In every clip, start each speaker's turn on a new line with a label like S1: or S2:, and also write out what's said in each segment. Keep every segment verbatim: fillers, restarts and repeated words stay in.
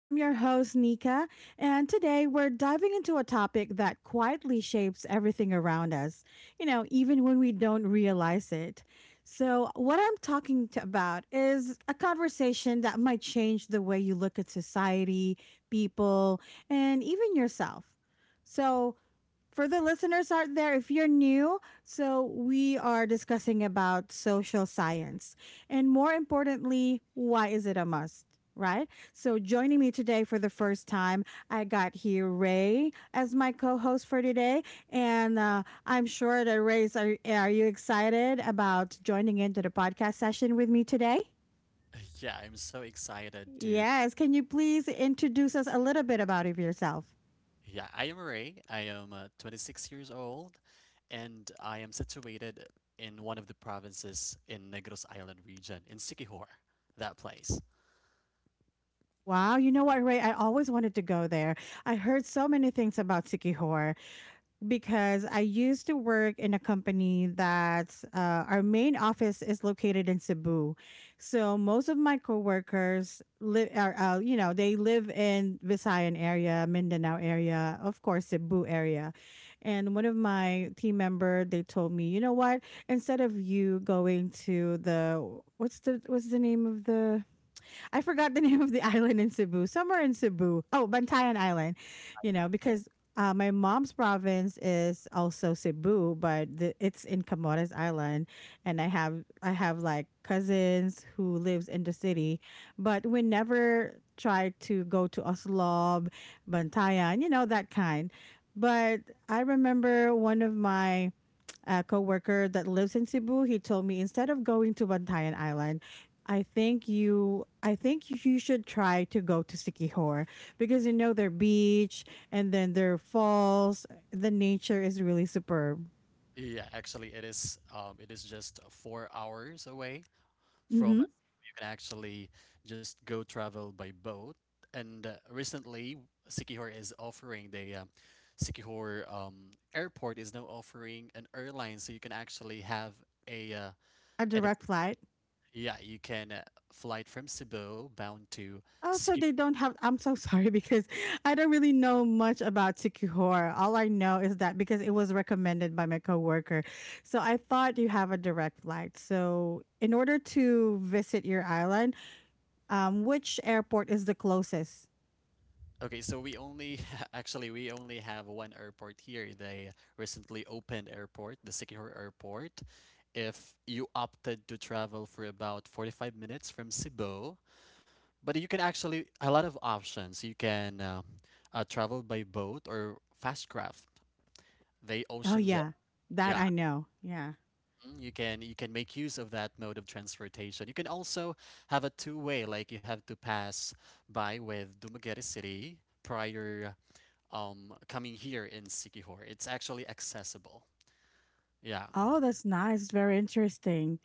S1: I'm your host, Nika, and today we're diving into a topic that quietly shapes everything around us, you know, even when we don't realize it. So, what I'm talking to about is a conversation that might change the way you look at society, people, and even yourself. So, for the listeners out there, if you're new, so we are discussing about social science and more importantly, why is it a must? Right. So joining me today for the first time, I got here Ray as my co-host for today, and uh, I'm sure that Ray's are are you excited about joining into the podcast session with me today?
S2: Yeah, I'm so excited to.
S1: Yes. Can you please introduce us a little bit about yourself?
S2: Yeah, I am Ray. I am uh, twenty-six years old, and I am situated in one of the provinces in Negros Island region in Siquijor, that place.
S1: Wow, you know what, Ray? I always wanted to go there. I heard so many things about Sikihor because I used to work in a company that's uh, our main office is located in Cebu. So most of my coworkers live are uh, you know, they live in Visayan area, Mindanao area, of course Cebu area. And one of my team member, they told me, "You know what? Instead of you going to the what's the what's the name of the I forgot the name of the island in Cebu, somewhere in Cebu. Oh, Bantayan Island, you know, because uh, my mom's province is also Cebu, but the, it's in Camotes Island, and I have I have like cousins who lives in the city, but we never tried to go to Oslob, Bantayan, you know that kind. But I remember one of my a coworker that lives in Cebu, he told me instead of going to Bantayan Island, I think you I think you should try to go to Sikihor because you know their beach and then their falls, the nature is really superb.
S2: Yeah, actually, it is. Um, it is just four hours away
S1: Mhm.
S2: from. You can actually just go travel by boat. And uh, recently, Siquijor is offering the um, Siquijor um, airport is now offering an airline, so you can actually have a uh,
S1: A
S2: an,
S1: direct flight.
S2: yeah, you can uh, flight from Cebu bound to
S1: Also,
S2: Skip.
S1: they don't have. I'm so sorry because I don't really know much about Sikihor. All I know is that because it was recommended by my coworker, so I thought you have a direct flight. So, in order to visit your island, Um, which airport is the closest?
S2: Okay, so we only actually we only have one airport here. They recently opened airport, the Sikihor Airport. If you opted to travel for about forty-five minutes from Cebu, but you can actually a lot of options. You can uh, uh, travel by boat or fast craft. They
S1: Oh
S2: ocean jet.
S1: yeah, that
S2: Yeah.
S1: I know. Yeah.
S2: Mm, You can you can make use of that mode of transportation. You can also have a two-way, like you have to pass by with Dumaguete City prior um coming here in Sikihor. It's actually accessible. Yeah.
S1: Oh, that's nice. Very interesting.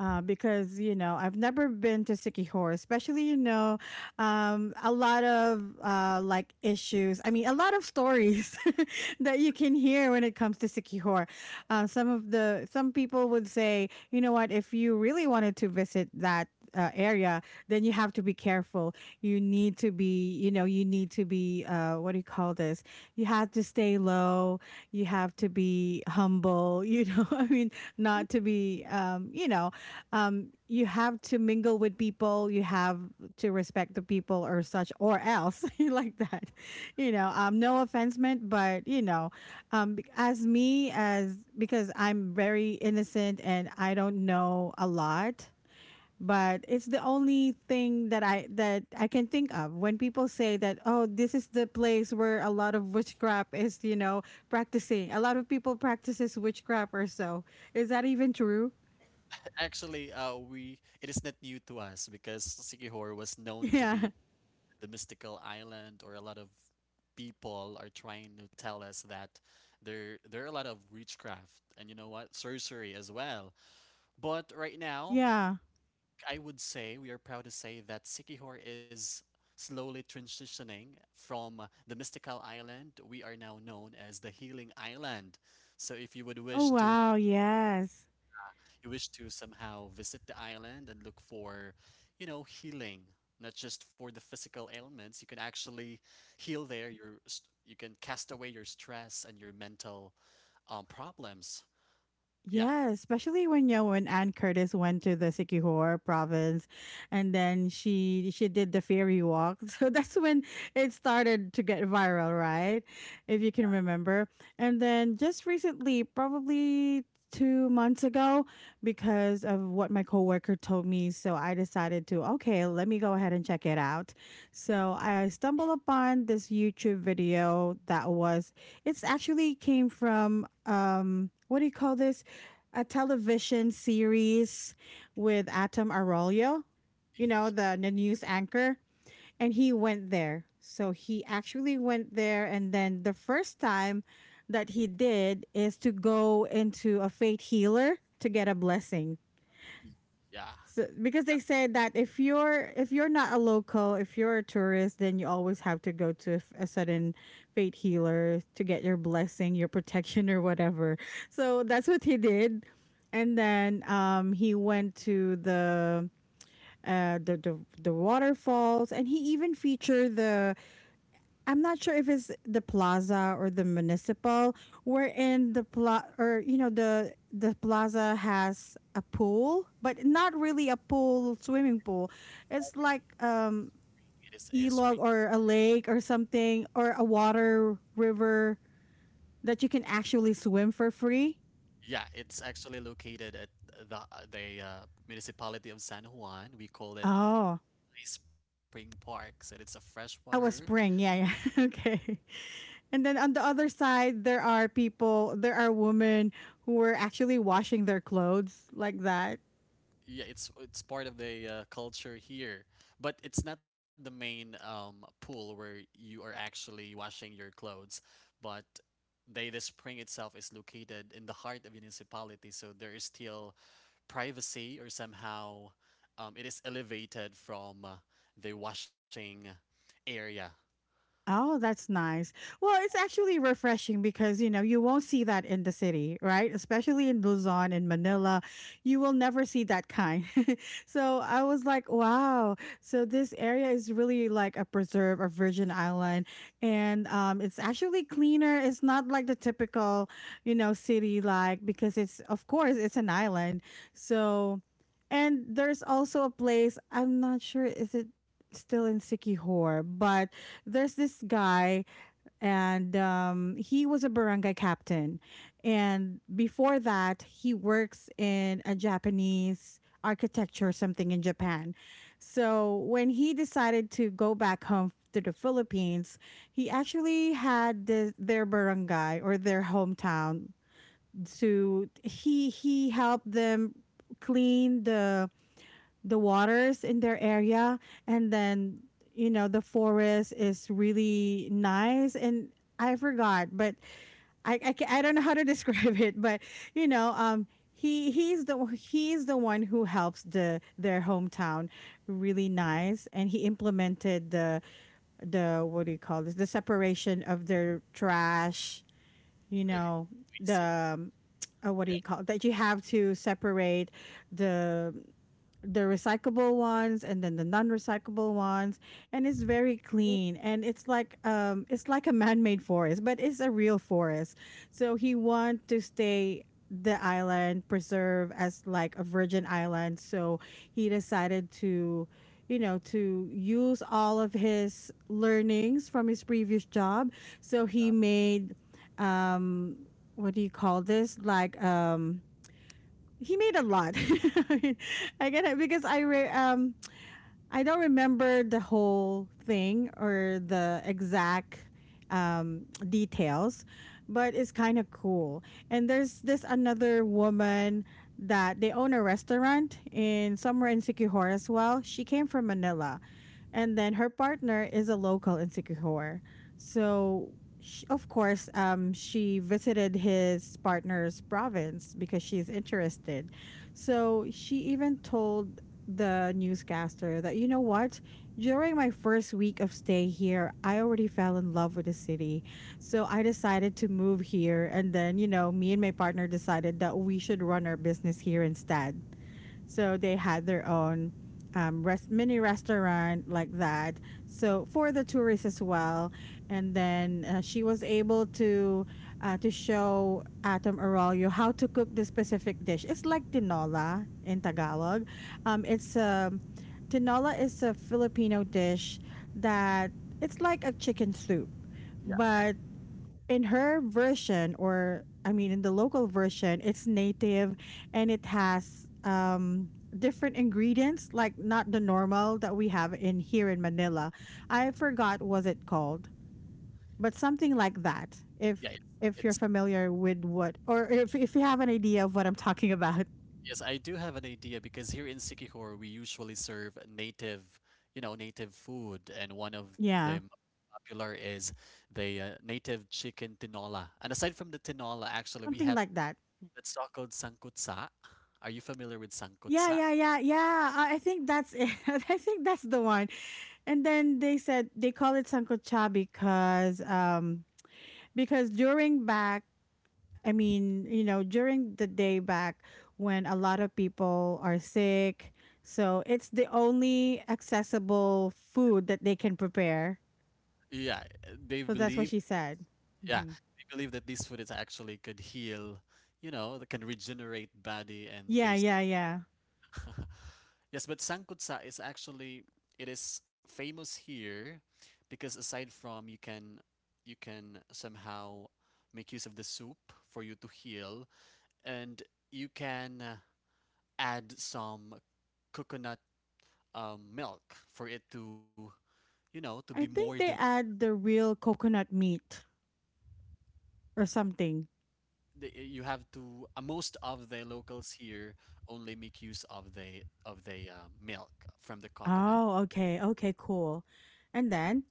S1: uh, Because you know I've never been to Sikihor, especially you know um, a lot of uh, like issues. I mean, a lot of stories that you can hear when it comes to Sikihor. Uh, some of the some people would say, you know what, if you really wanted to visit that. Uh, area then you have to be careful, you need to be you know you need to be uh what do you call this, you have to stay low, you have to be humble, you know I mean not to be um you know um, you have to mingle with people. You have to respect the people or such or else like that. You know, um, no offense meant, but you know, um, be- as me as because I'm very innocent and I don't know a lot. But it's the only thing that I that I can think of when people say that oh this is the place where a lot of witchcraft is you know practicing, a lot of people practices witchcraft or so, is that even true?
S2: Actually, uh we it is not new to us because Sikihor was known to
S1: Yeah,
S2: be the mystical island, or a lot of people are trying to tell us that there there are a lot of witchcraft and you know what, sorcery as well. But right now
S1: yeah.
S2: I would say we are proud to say that Sikihor is slowly transitioning from the mystical island. We are now known as the healing island. So if you would
S1: Oh
S2: wish to,
S1: wow, yes.
S2: you wish to somehow visit the island and look for, you know, healing, not just for the physical ailments. You can actually heal there. Your st- you can cast away your stress and your mental um, problems. Yeah.
S1: Yeah, especially when you know, when Anne Curtis went to the Sikihor province and then she she did the fairy walk. So that's when it started to get viral, right? If you can remember. And then just recently, probably two months ago, because of what my coworker told me, so I decided to okay, let me go ahead and check it out. So I stumbled upon this YouTube video that was it's actually came from um what do you call this, a television series with Atom Arroyo, you know,
S2: Y-
S1: the, the news anchor, and he went there. So he actually went there, and then the first time that he did is to go into a faith healer to get a blessing.
S2: y- yeah.
S1: So, because they said that if you're if you're not a local, if you're a tourist, then you always have to go to a, f- a certain fate healer to get your blessing, your protection, or whatever. So that's what he did, and then um, he went to the uh the, the the waterfalls, and he even featured the I'm not sure if it's the plaza or the municipal. We're in the pla or you know the the plaza has a pool, but not really a pool swimming pool. It's like um
S2: It is a spring.
S1: ilog or a lake or something or a water river that you can actually swim for free.
S2: Yeah, it's actually located at the the uh, municipality of San Juan. We call it
S1: Oh,
S2: Ice Spring Park, so it's a freshwater.
S1: oh, a spring. Yeah, yeah. Okay. And then on the other side, there are people, there are women who were actually washing their clothes like that.
S2: Yeah, it's it's part of the uh, culture here, but it's not the main um, pool where you are actually washing your clothes. But they the spring itself is located in the heart of municipality, so there is still privacy, or somehow um, it is elevated from uh, the washing area.
S1: Oh, that's nice. Well, it's actually refreshing because, you know, you won't see that in the city, right? Especially in Luzon and Manila, you will never see that kind. So I was like, wow. So this area is really like a preserve, a virgin island. And um, it's actually cleaner. It's not like the typical, you know, city like, because it's, of course, it's an island. So, and there's also a place, I'm not sure, is it still in Sikihor, but there's this guy and um, he was a barangay captain, and before that he works in a Japanese architecture or something in Japan. So when he decided to go back home to the Philippines, he actually had the, their barangay or their hometown, to he he helped them clean the the waters in their area, and then you know the forest is really nice and I forgot but I I, ca- I don't know how to describe it but you know um he he's the he's the one who helps the their hometown, really nice. And he implemented the the what do you call this, the separation of their trash, you
S2: Agree,
S1: know,
S2: agree.
S1: the um, uh, what do
S2: Yeah.
S1: you call it? That you have to separate the the recyclable ones and then the non-recyclable ones, and it's very clean and it's like um it's like a man-made forest but it's a real forest. So he want to stay the island preserve as like a virgin island, so he decided to, you know, to use all of his learnings from his previous job. So he made um what do you call this, like um he made a lot. I get it because i re- um I don't remember the whole thing or the exact um details, but it's kind of cool. And there's this another woman that they own a restaurant in somewhere in Sikihor as well, she came from Manila and then her partner is a local in Sikihor. So, sh of course, um, she visited his partner's province because she's interested. So she even told the newscaster that, you know what? During my first week of stay here, I already fell in love with the city. So I decided to move here. And then, you know, me and my partner decided that we should run our business here instead. So they had their own um, rest, mini restaurant like that. So for the tourists as well. And then uh, she was able to uh, to show Atom Arroyo how to cook this specific dish. It's like tinola in Tagalog. Um, it's um, Tinola is a Filipino dish that it's like a chicken soup,
S2: Yeah.
S1: but in her
S2: Mm,
S1: version or I mean in the local version it's native, and it has um different ingredients like not the normal that we have in here in Manila. I forgot was it called, but something like that.
S2: Yeah,
S1: If
S2: it-
S1: if you're
S2: it's
S1: familiar with what or if if you have an idea of what I'm talking about.
S2: yes, I do have an idea because here in Sikihor we usually serve native, you know, native food, and one of the
S1: Yeah,
S2: most popular is the uh, native chicken tinola. And aside from the tinola, actually we
S1: something
S2: have
S1: like that.
S2: that's called sangkutsa. Are you familiar with
S1: yeah
S2: sangkutsa?
S1: yeah yeah yeah i I think that's it. I think that's the one. And then they said they call it sancocha because um because during back I mean you know during the day back when a lot of people are sick, so it's the only accessible food that they can prepare.
S2: Yeah, uh, they
S1: So that's
S2: believe,
S1: what she said.
S2: yeah,
S1: Hmm,
S2: they believe that this food is actually could heal, you know, that can regenerate body. And
S1: yeah yeah yeah,
S2: yes, but sangkutsa is actually it is famous here because aside from you can you can somehow make use of the soup for you to heal. And you can uh, add some coconut um, milk for it to you know to be
S1: I
S2: more del-,
S1: think they add the real coconut meat or something.
S2: the- you have to, uh, most of the locals here only make use of the of the uh, milk from the coconut,
S1: Oh, okay, okay, cool. And then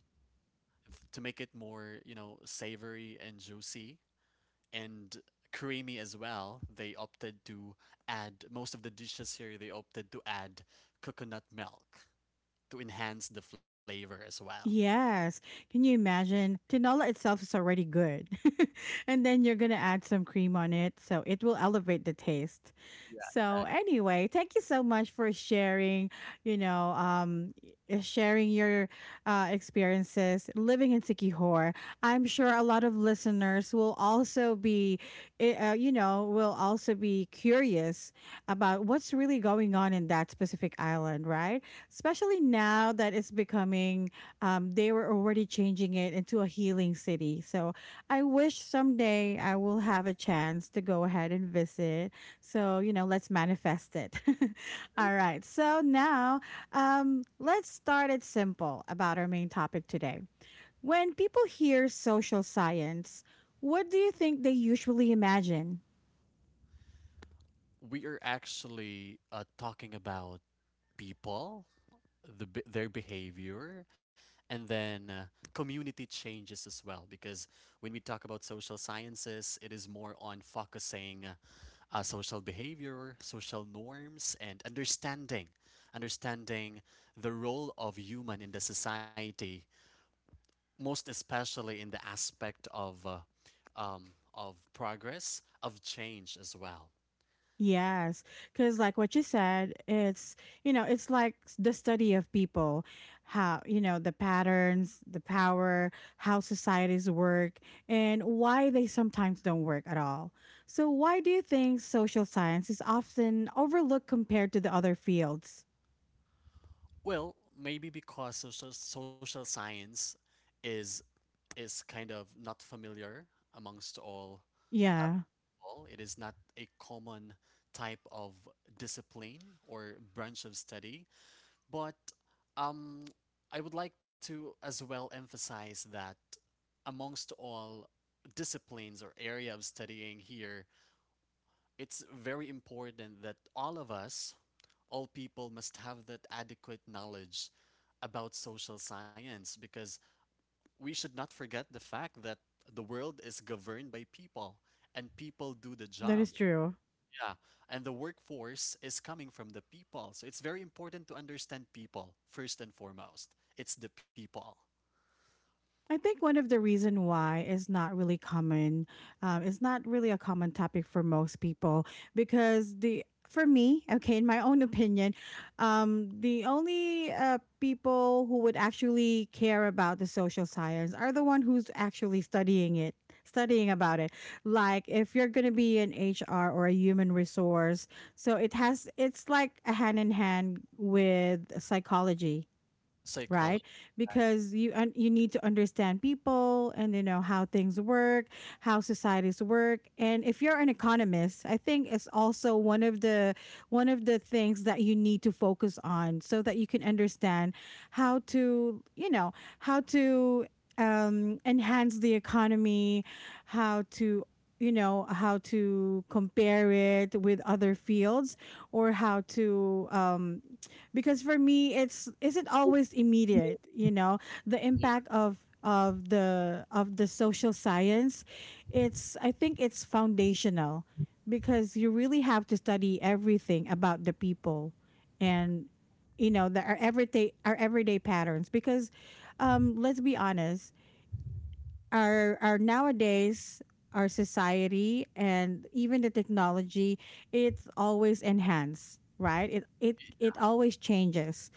S2: f- to make it more, you know savory and juicy and creamy as well. They opted to add most of the dishes here. They opted to add coconut milk to enhance the flavor as well.
S1: yes. Can you imagine? Tinola itself is already good. And then you're going to add some cream on it. So it will elevate the taste.
S2: Yeah,
S1: So,
S2: exactly.
S1: anyway, thank you so much for sharing, you know, um, y- sharing your uh, experiences living in Sikihor. I'm sure a lot of listeners will also be, eh, uh, you know, will also be curious about what's really going on in that specific island, right? Especially now that it's becoming um, they were already changing it into a healing city. So I wish someday I will have a chance to go ahead and visit. So, you know, let's manifest it. All right. So now um, let's start it simple about our main topic today. When people hear social science, what do you think they usually imagine?
S2: We are actually uh, talking about people, the be- their behavior, and then uh, community changes as well. Because when we talk about social sciences, it is more on focusing uh, social behavior, social norms, and understanding, understanding the role of human in the society, most especially in the aspect of uh, um, of progress, of change as well.
S1: Yes, because like what you said, it's you know, it's like s- the study of people, how, you know, the patterns, the power, how societies work, and why they sometimes don't work at all. So, why do you think social science is often overlooked compared to the other fields?
S2: Well, maybe because social social science is is kind of not familiar amongst all
S1: Yeah,
S2: all. It is not a common type of discipline or branch of study. But um, I would like to as well emphasize that amongst all disciplines or area of studying here, it's very important that all of us, all people, must have that adequate knowledge about social science because we should not forget the fact that the world is governed by people and people do the
S1: that
S2: job.
S1: is true.
S2: Yeah, and the workforce is coming from the people. So it's very important to understand people first and foremost. It's the people,
S1: I think one of the reason why is not really common, um, it's not really a common topic for most people because the for me, okay, in my own opinion, um, the only uh, people who would actually care about the social science are the one who's actually studying it, studying about it. Like if you're gonna be an H R or a human resource, so it has it's like a hand in hand with psychology, right?
S2: psychology.
S1: Because you un- you need to understand people and, you know, how things work, how societies work. And if you're an economist, I think it's also one of the one of the things that you need to focus on so that you can understand how to, you know, how to um enhance the economy, how to, you know, how to compare it with other fields or how to um because for me, it's isn't always immediate, you know, the
S2: Yeah,
S1: impact of of the of the social science. It's, I think it's foundational because you really have to study everything about the people. And, you know, the, our everyday our everyday patterns because um let's be honest, our our nowadays, our society and even the technology, it's always enhanced, right? It it it always changes.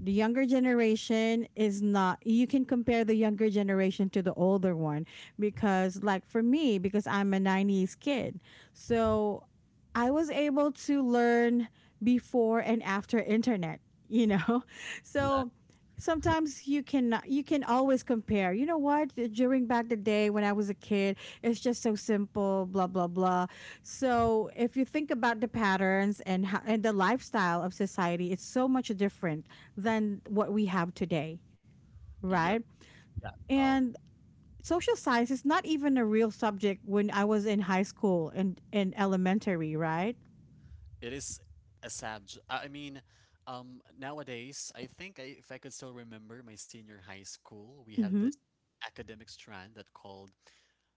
S1: The younger generation is not, you can compare the younger generation to the older one. Because like for me, because I'm a nineties kid, so I was able to learn before and after internet, you know.
S2: yeah,
S1: So sometimes you can, you can always compare, you know what, during back the day when I was a kid, it's just so simple, blah blah blah. So if you think about the patterns and how, and the lifestyle of society, it's so much different than what we have today,
S2: yeah.
S1: right?
S2: Yeah. Um,
S1: And social science is not even a real subject when I was in high school and in elementary, right?
S2: it is a subject. I I mean, um, nowadays I think, I, if I could still remember my senior high school, we have
S1: Mm-hmm.
S2: this academic strand that called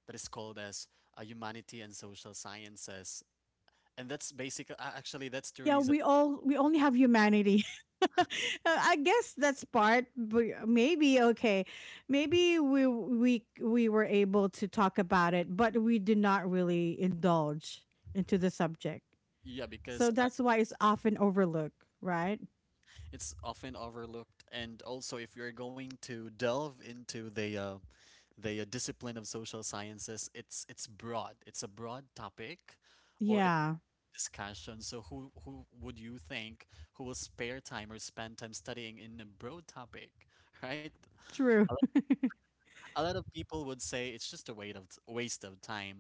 S2: that is called as uh, humanity and social sciences, and that's basically actually that's the
S1: Yeah,
S2: reason.
S1: we all, we only have humanity. Uh, I guess that's part. But maybe okay, maybe we we we were able to talk about it, but we did not really indulge into the subject.
S2: Yeah, because
S1: So that's why it's often overlooked, right?
S2: it's often overlooked, and also if you're going to delve into the uh, the uh, discipline of social sciences, it's it's broad. It's a broad topic, or a
S1: Yeah,
S2: discussion. So who who would you think who will spare time or spend time studying in a broad topic, right? A,
S1: true.
S2: lo- a lot of people would say it's just a waste of t- waste of time,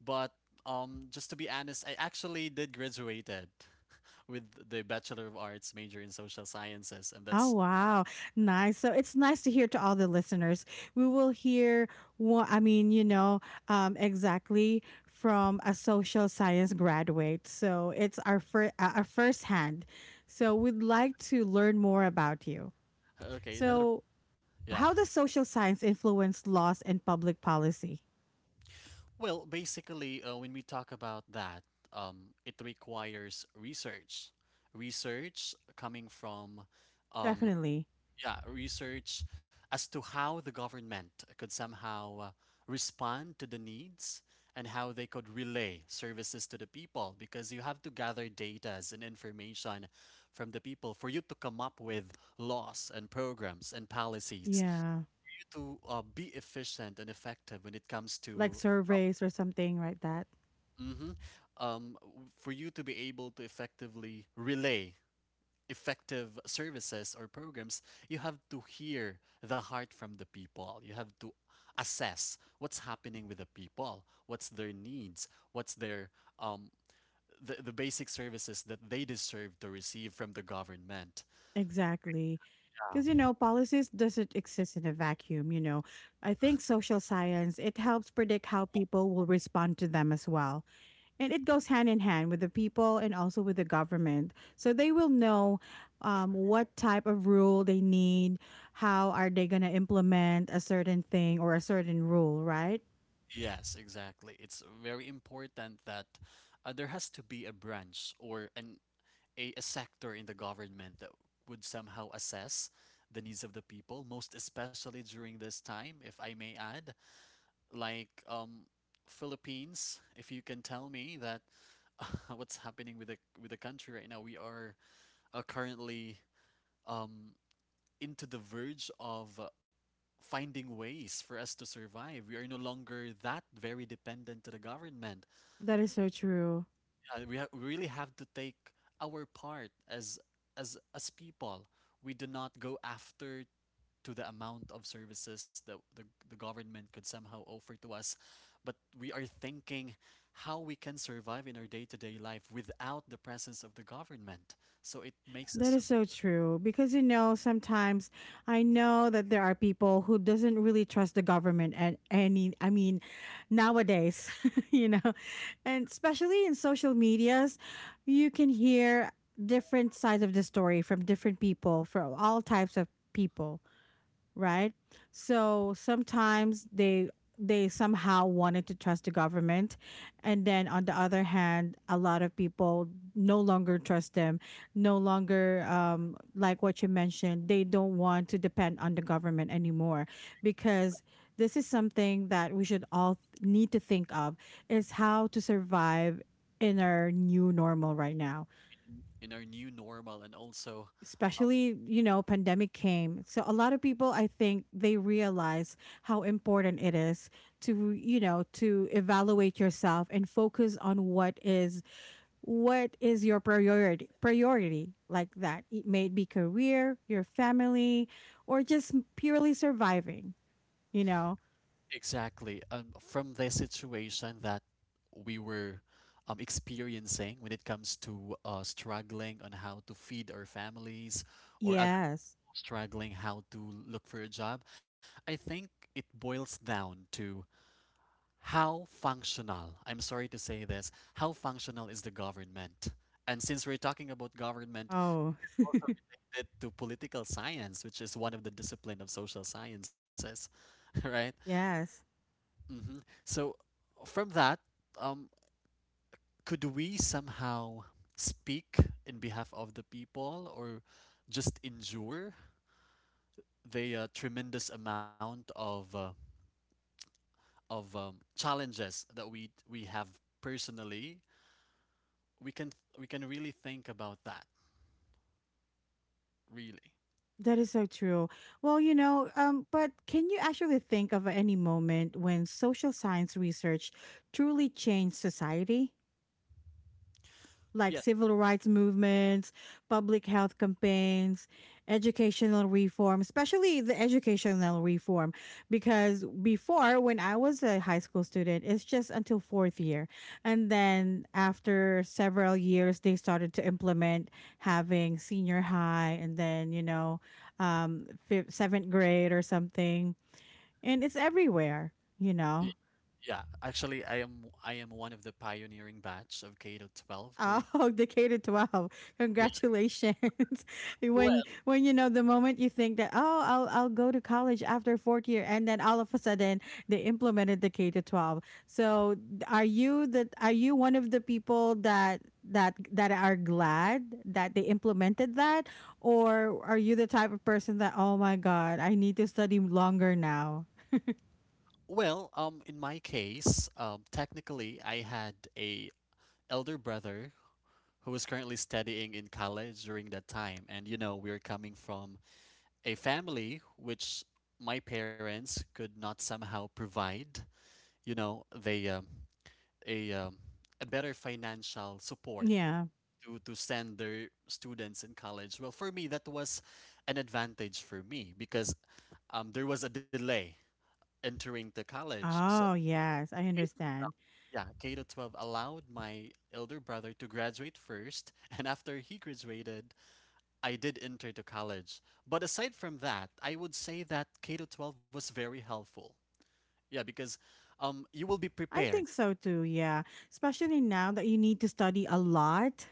S2: but um, just to be honest, I actually did graduated with the Bachelor of Arts major in social sciences, and
S1: Oh
S2: that's.
S1: wow, nice. So it's nice to hear to all the listeners. We will hear what I mean, you know, um, exactly from a social science graduate. So it's our first, uh, our first hand. So we'd like to learn more about you.
S2: Okay, another.
S1: So
S2: Yeah.
S1: how does social science influence laws and public policy?
S2: Well, basically, uh, when we talk about that, um, it requires research. Research coming from, um,
S1: Definitely,
S2: yeah, research as to how the government could somehow uh, respond to the needs and how they could relay services to the people because you have to gather data and information from the people for you to come up with laws and programs and policies
S1: yeah,
S2: to uh, be efficient and effective when it comes
S1: like
S2: to,
S1: surveys or something like that.
S2: mhm, um, w- for you to be able to effectively relay effective services or programs, you have to hear the heart from the people. You have to assess what's happening with the people, what's their needs, what's their um, the, the basic services that they deserve to receive from the government.
S1: Exactly. Because, you
S2: Yeah.
S1: know, policies doesn't exist in a vacuum, you know. I think social science, it helps predict how people will respond to them as well. And it goes hand in hand with the people and also with the government. So they will know um, what type of rule they need, how are they going to implement a certain thing or a certain rule, right?
S2: Yes, exactly. It's very important that uh, there has to be a branch or an a, a sector in the government that would somehow assess the needs of the people, most especially during this time, if I may add. Like um, Philippines, if you can tell me that uh, what's happening with the with the country right now, we are uh, currently um, into the verge of uh, finding ways for us to survive. We are no longer that very dependent to the government.
S1: That is so true.
S2: Yeah, we ha- we really have to take our part as as as people. We do not go after to the amount of services that the, the government could somehow offer to us, but we are thinking how we can survive in our day-to-day life without the presence of the government. So it makes
S1: That
S2: us
S1: is
S2: so
S1: so true because, you know, sometimes I know that there are people who doesn't really trust the government at any, I mean, nowadays, you know, and especially in social medias, you can hear different sides of the story from different people from all types of people, right? So sometimes they they somehow wanted to trust the government, and then on the other hand, a lot of people no longer trust them, no longer um, like what you mentioned, they don't want to depend on the government anymore because this is something that we should all th- need to think of, is how to survive in our new normal right now.
S2: in, in our new normal. And also,
S1: Especially, you know, pandemic came, so a lot of people, I think they realize how important it is to, you know, to evaluate yourself and focus on what is, what is your priority priority, like that it may be career, your family, or just purely surviving, you know.
S2: exactly. Um, from the situation that we were um, experiencing when it comes to uh, struggling on how to feed our families, or other
S1: Yes.
S2: people struggling how to look for a job, I think it boils down to how functional, I'm sorry to say this, how functional is the government? And since we're talking about government,
S1: Oh,
S2: also related to political science, which is one of the discipline of social sciences, right?
S1: yes.
S2: hmm So from that, um, could we somehow speak in behalf of the people, or just endure the uh, tremendous amount of uh, of um, challenges that we we have personally? We can we can really think about that, really.
S1: That is so true. Well, you know, um, but can you actually think of any moment when social science research truly changed society? Like
S2: Yes.
S1: civil rights movements, public health campaigns, educational reform, especially the educational reform. Because before, when I was a high school student, it's just until fourth year. And then after several years, they started to implement having senior high and then, you know, um, fifth, seventh grade or something. And it's everywhere, you
S2: y-
S1: know.
S2: Yeah. Actually, I am I am one of the pioneering batch of K to twelve curriculum.
S1: Oh, Decatur twelve.
S2: Yeah.
S1: Congratulations.
S2: Well,
S1: when when you know the moment you think that, oh, I'll I'll go to college after fourth year, and then all of a sudden they implemented Decatur twelve. So, are you that, are you one of the people that that that are glad that they implemented that, or are you the type of person that, oh my god, I need to study longer now?
S2: well, um, in my case, um, technically, I had a elder brother who was currently studying in college during that time. And you know, we're coming from a family which my parents could not somehow provide, you know, they um, a um, a better financial support
S1: Yeah.
S2: to to send their students in college. Well, for me that was an advantage for me because um there was a delay entering the college. So
S1: Oh, yes, I
S2: K-
S1: understand.
S2: yeah, K to twelve allowed my elder brother to graduate first, and after he graduated, I did enter to college. But aside from that, I would say that K to twelve was very helpful. Yeah, because um, you will be
S1: I
S2: prepared.
S1: think so too, yeah. Especially now that you need to study a lot.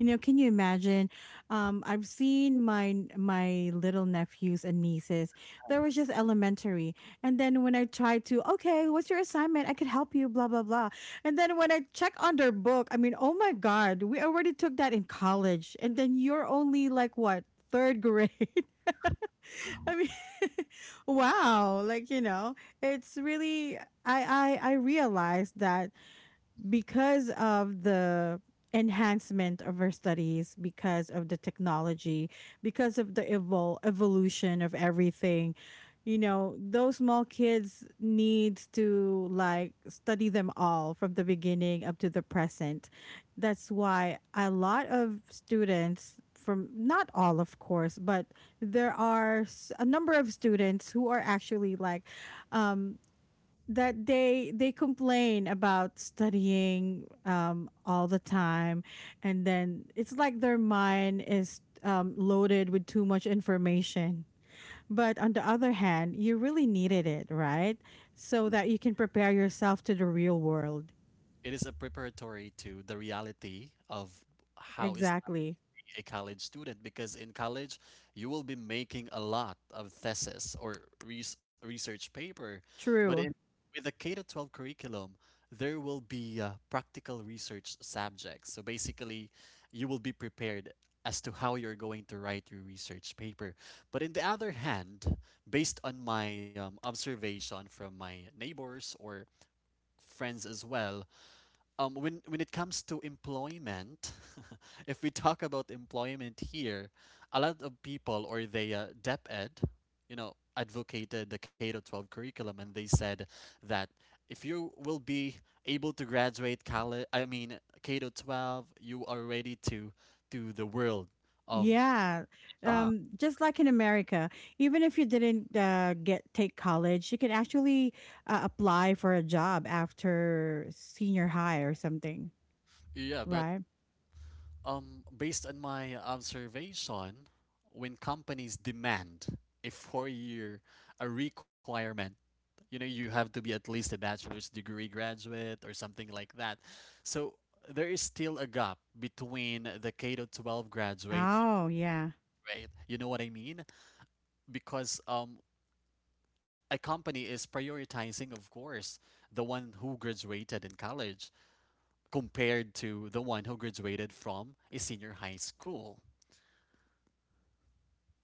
S1: You know, can you imagine? Um, I've seen my, my little nephews and nieces. They were just elementary. And then when I tried to, okay, what's your assignment? I could help you, blah, blah, blah. And then when I check on their book, I mean, oh my God, we already took that in college. And then you're only like what? Third grade. I mean, wow. Like, you know, it's really, I I I realized that because of the enhancement of our studies, because of the technology, because of the evol- evolution of everything, you know, those small kids needs to like study them all from the beginning up to the present. That's why a lot of students, from not all of course, but there are s- a number of students who are actually like um that they they complain about studying um all the time, and then it's like their mind is um loaded with too much information, but on the other hand, you really needed it, right? So that you can prepare yourself to the real world.
S2: It is a preparatory to the reality of how is
S1: Exactly.
S2: a college student because in college you will be making a lot of thesis or res- research paper but in
S1: True.
S2: with the K to twelve curriculum there will be uh, practical research subjects, so basically you will be prepared as to how you're going to write your research paper. But in the other hand, based on my um, observation from my neighbors or friends as well, um, when when it comes to employment, if we talk about employment here, a lot of people, or they uh, DepEd, you know, advocated the K to twelve curriculum, and they said that if you will be able to graduate college, I mean K to twelve, you are ready to to the world of
S1: Yeah.
S2: job.
S1: um just like in America, even if you didn't uh, get take college, you can actually uh, apply for a job after senior high or something.
S2: Yeah, but
S1: Right.
S2: um, based on my observation, when companies demand a four-year a requirement, you know, you have to be at least a bachelor's degree graduate or something like that. So there is still a gap between the K to twelve graduate and
S1: Oh, yeah.
S2: grade. You know what I mean? Because um, a company is prioritizing, of course, the one who graduated in college compared to the one who graduated from a senior high school.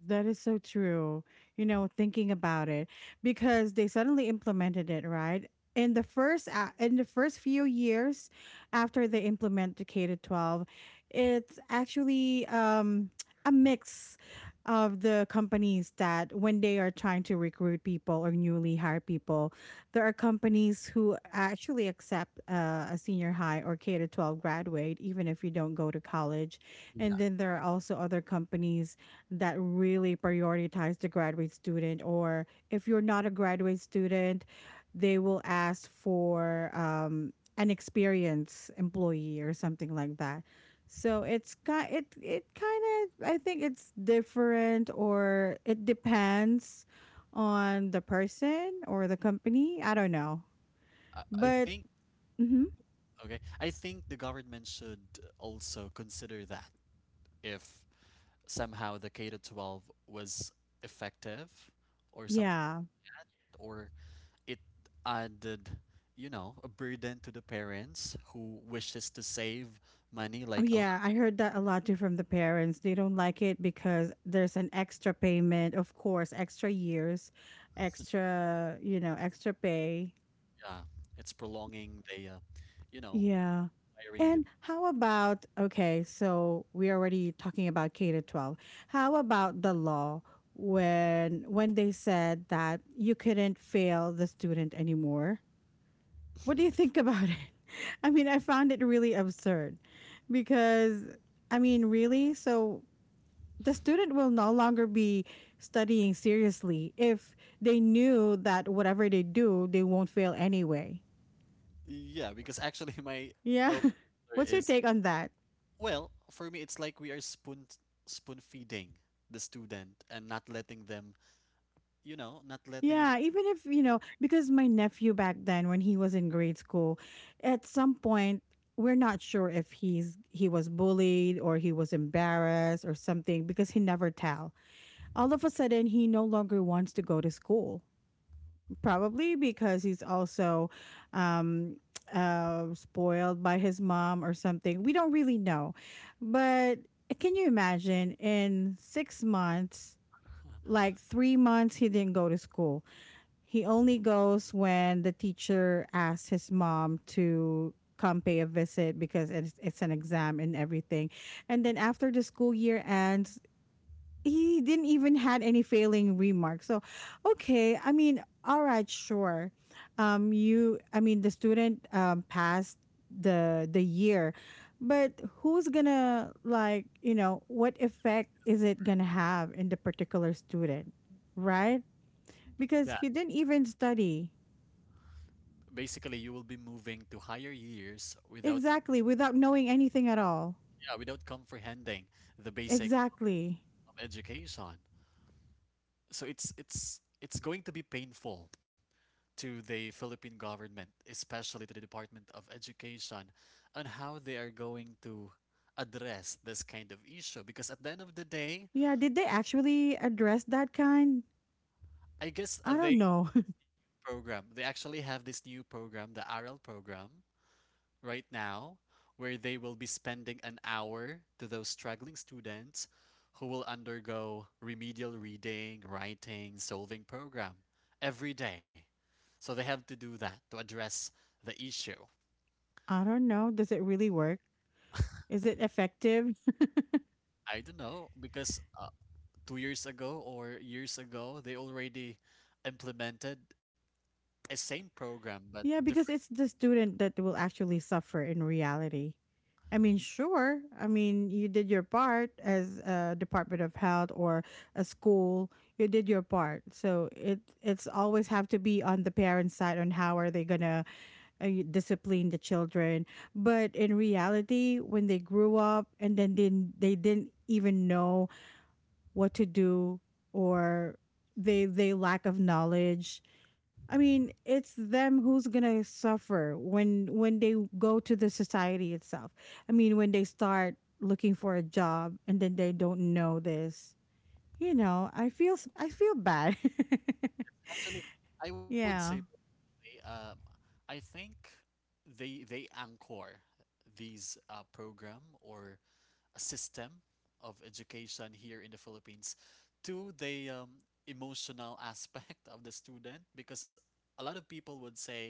S1: That is so true. You know, thinking about it, because they suddenly implemented it, right? In the first a- in the first few years after they implement the K to twelve, it's actually um a mix of the companies that when they are trying to recruit people or newly hire people, there are companies who actually accept uh, a senior high or K to twelve graduate even if you don't go to college. And then there are also other companies that really prioritize the graduate student, or if you're not a graduate student, they will ask for um, an experienced employee or something like that. So it's kind, it it kind of, I think it's different, or it depends on the person or the company, I don't know.
S2: I I think
S1: But mhm,
S2: okay. I think the government should also consider that if somehow the K to twelve was effective or something
S1: yeah.
S2: like that, or it added, you know, a burden to the parents who wishes to save money,
S1: Oh
S2: like a
S1: yeah,
S2: lot.
S1: I heard that a lot too from the parents. They don't like it because there's an extra payment, of course, extra years, extra, you know, extra pay.
S2: Yeah, it's prolonging the, uh, you know,
S1: Yeah.
S2: hiring the.
S1: And how about okay, so we're already talking about K to twelve. How about the law when when they said that you couldn't fail the student anymore? What do you think about it? I mean, I found it really absurd because, I mean, really? So the student will no longer be studying seriously if they knew that whatever they do, they won't fail anyway.
S2: Yeah, because actually my
S1: Yeah.
S2: elder
S1: What's your
S2: is,
S1: take on that?
S2: well, for me it's like we are spoon spoon feeding the student and not letting them, you know, not letting them
S1: Yeah, even if, you know, because my nephew back then when he was in grade school, at some point we're not sure if he's he was bullied or he was embarrassed or something because he never tell. All of a sudden he no longer wants to go to school, probably because he's also um uh spoiled by his mom or something, we don't really know. But can you imagine, in six months, like three months he didn't go to school, he only goes when the teacher asks his mom to come pay a visit because it's, it's an exam and everything. And then after the school year ends, he didn't even had any failing remarks. So, okay, I mean, all right, sure. Um, you, I mean, the student um passed the the year, but who's gonna, like, you know what effect is it gonna have in the particular student, right?
S2: yeah.
S1: Because he didn't even study
S2: Basically, you will be moving to higher years without,
S1: exactly without knowing anything at all.
S2: yeah, without comprehending the basic
S1: Exactly.
S2: of education. So it's it's it's going to be painful to the Philippine government, especially to the Department of Education, on how they are going to address this kind of issue, because at the end of the day,
S1: Yeah. Did they actually address that kind?
S2: I guess
S1: I
S2: they
S1: don't know.
S2: program, they actually have this new program, the R L program, right now, where they will be spending an hour to those struggling students who will undergo remedial reading, writing, solving program every day. So they have to do that to address the issue.
S1: I don't know. Does it really work? Is it effective?
S2: I don't know because uh, two years ago or years ago they already implemented a same program but
S1: Yeah,
S2: different.
S1: because it's the student that will actually suffer in reality. I mean, sure. I mean, you did your part as a Department of Health or a school. You did your part. So it it's always have to be on the parents' side on how are they gonna uh, y- discipline the children. But in reality, when they grew up and then didn't, they didn't even know what to do or they they lack of knowledge. I mean, it's them who's gonna suffer when when they go to the society itself. I mean, when they start looking for a job and then they don't know this, you know, I feel s- I feel bad.
S2: Actually, I would say
S1: yeah,
S2: um, I think they they anchor these uh, program or system of education here in the Philippines to the um, emotional aspect of the student, because a lot of people would say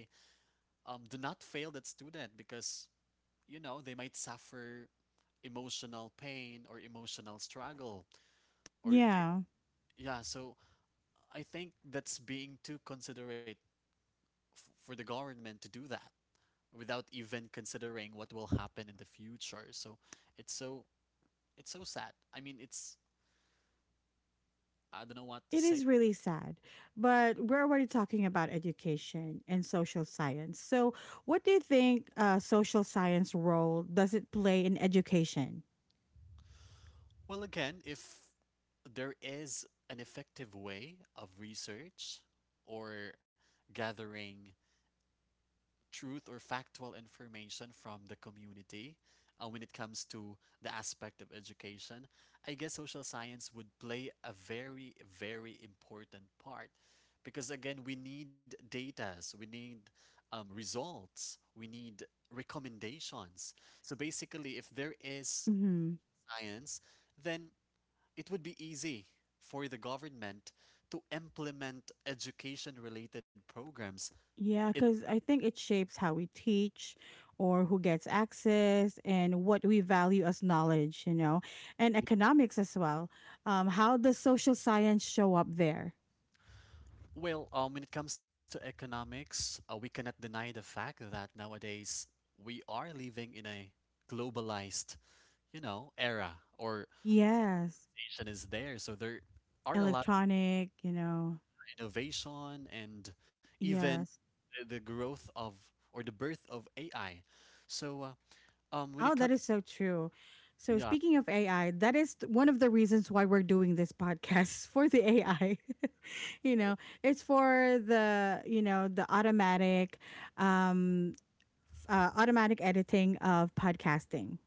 S2: um, do not fail that student because you know they might suffer emotional pain or emotional struggle or they,
S1: yeah.
S2: yeah. So I think that's being too considerate f- for the government to do that without even considering what will happen in the future. So it's so, it's so sad. I mean, it's, I don't know what to
S1: It
S2: say.
S1: is really sad, but we're already talking about education and social science. So, what do you think uh, social science role does it play in education?
S2: Well, again, if there is an effective way of research or gathering truth or factual information from the community uh, when it comes to the aspect of education, I guess social science would play a very, very important part. Because again, we need data, so we need um, results, we need recommendations. So basically, if there is
S1: Hmm.
S2: science, then it would be easy for the government to implement education related programs.
S1: Yeah,
S2: It,
S1: because I think it shapes how we teach or who gets access and what we value as knowledge, you know, and economics as well. Um, how does social science show up there?
S2: well, um, when it comes to economics, uh, we cannot deny the fact that nowadays we are living in a globalized, you know, era or
S1: Yes,
S2: innovation is there. So there are a lot
S1: electronic, you know,
S2: of innovation and even
S1: yes.
S2: the, the growth of or the birth of A I. So uh, um, when
S1: Oh,
S2: it comes,
S1: that is so true. So,
S2: yeah,
S1: speaking of A I, that is th- one of the reasons why we're doing this podcast for the A I. You know, it's for the, you know, the automatic um uh, automatic editing of podcasting.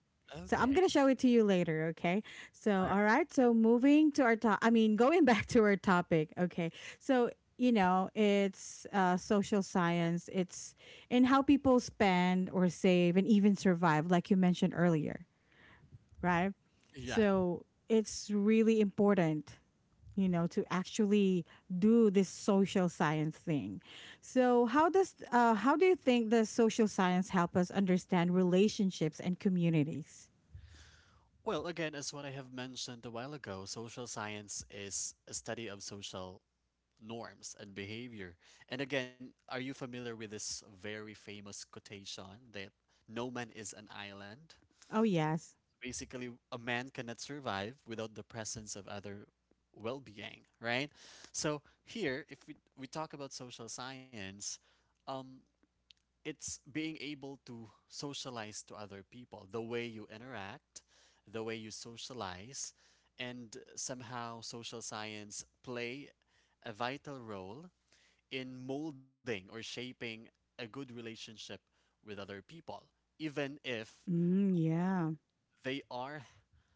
S1: So I'm
S2: okay,
S1: gonna show it to you later, okay? So
S2: all right,
S1: all right. So moving to our top, I mean, going back to our topic, okay? So you know, it's uh, social science. It's in how people spend or save and even survive, like you mentioned earlier, right?
S2: yeah.
S1: So it's really important, you know, to actually do this social science thing. So how does uh, how do you think the social science help us understand relationships and communities?
S2: Well, again, as what I have mentioned a while ago, social science is a study of social norms and behavior. And again, are you familiar with this very famous quotation that no man is an island?
S1: Oh yes,
S2: Basically, a man cannot survive without the presence of other well-being, right? So here, if we, we talk about social science, um, it's being able to socialize to other people, the way you interact, the way you socialize, and somehow social science play a vital role in molding or shaping a good relationship with other people, even if
S1: mm, yeah.
S2: they are,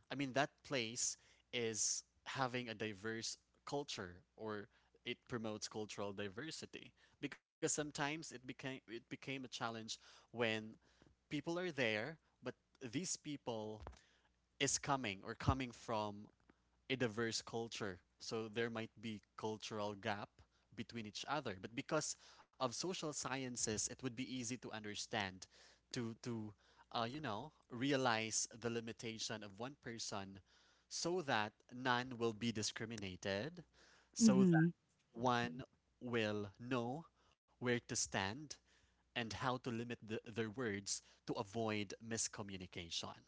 S2: I mean, that place is having a diverse culture or it promotes cultural diversity, because sometimes it became it became a challenge when people are there, but these people is coming or coming from a diverse culture. So there might be cultural gap between each other. But because of social sciences, it would be easy to understand, to to uh, you know, realize the limitation of one person so that none will be discriminated, so
S1: Mm-hmm.
S2: that one will know where to stand and how to limit the, their words to avoid miscommunication.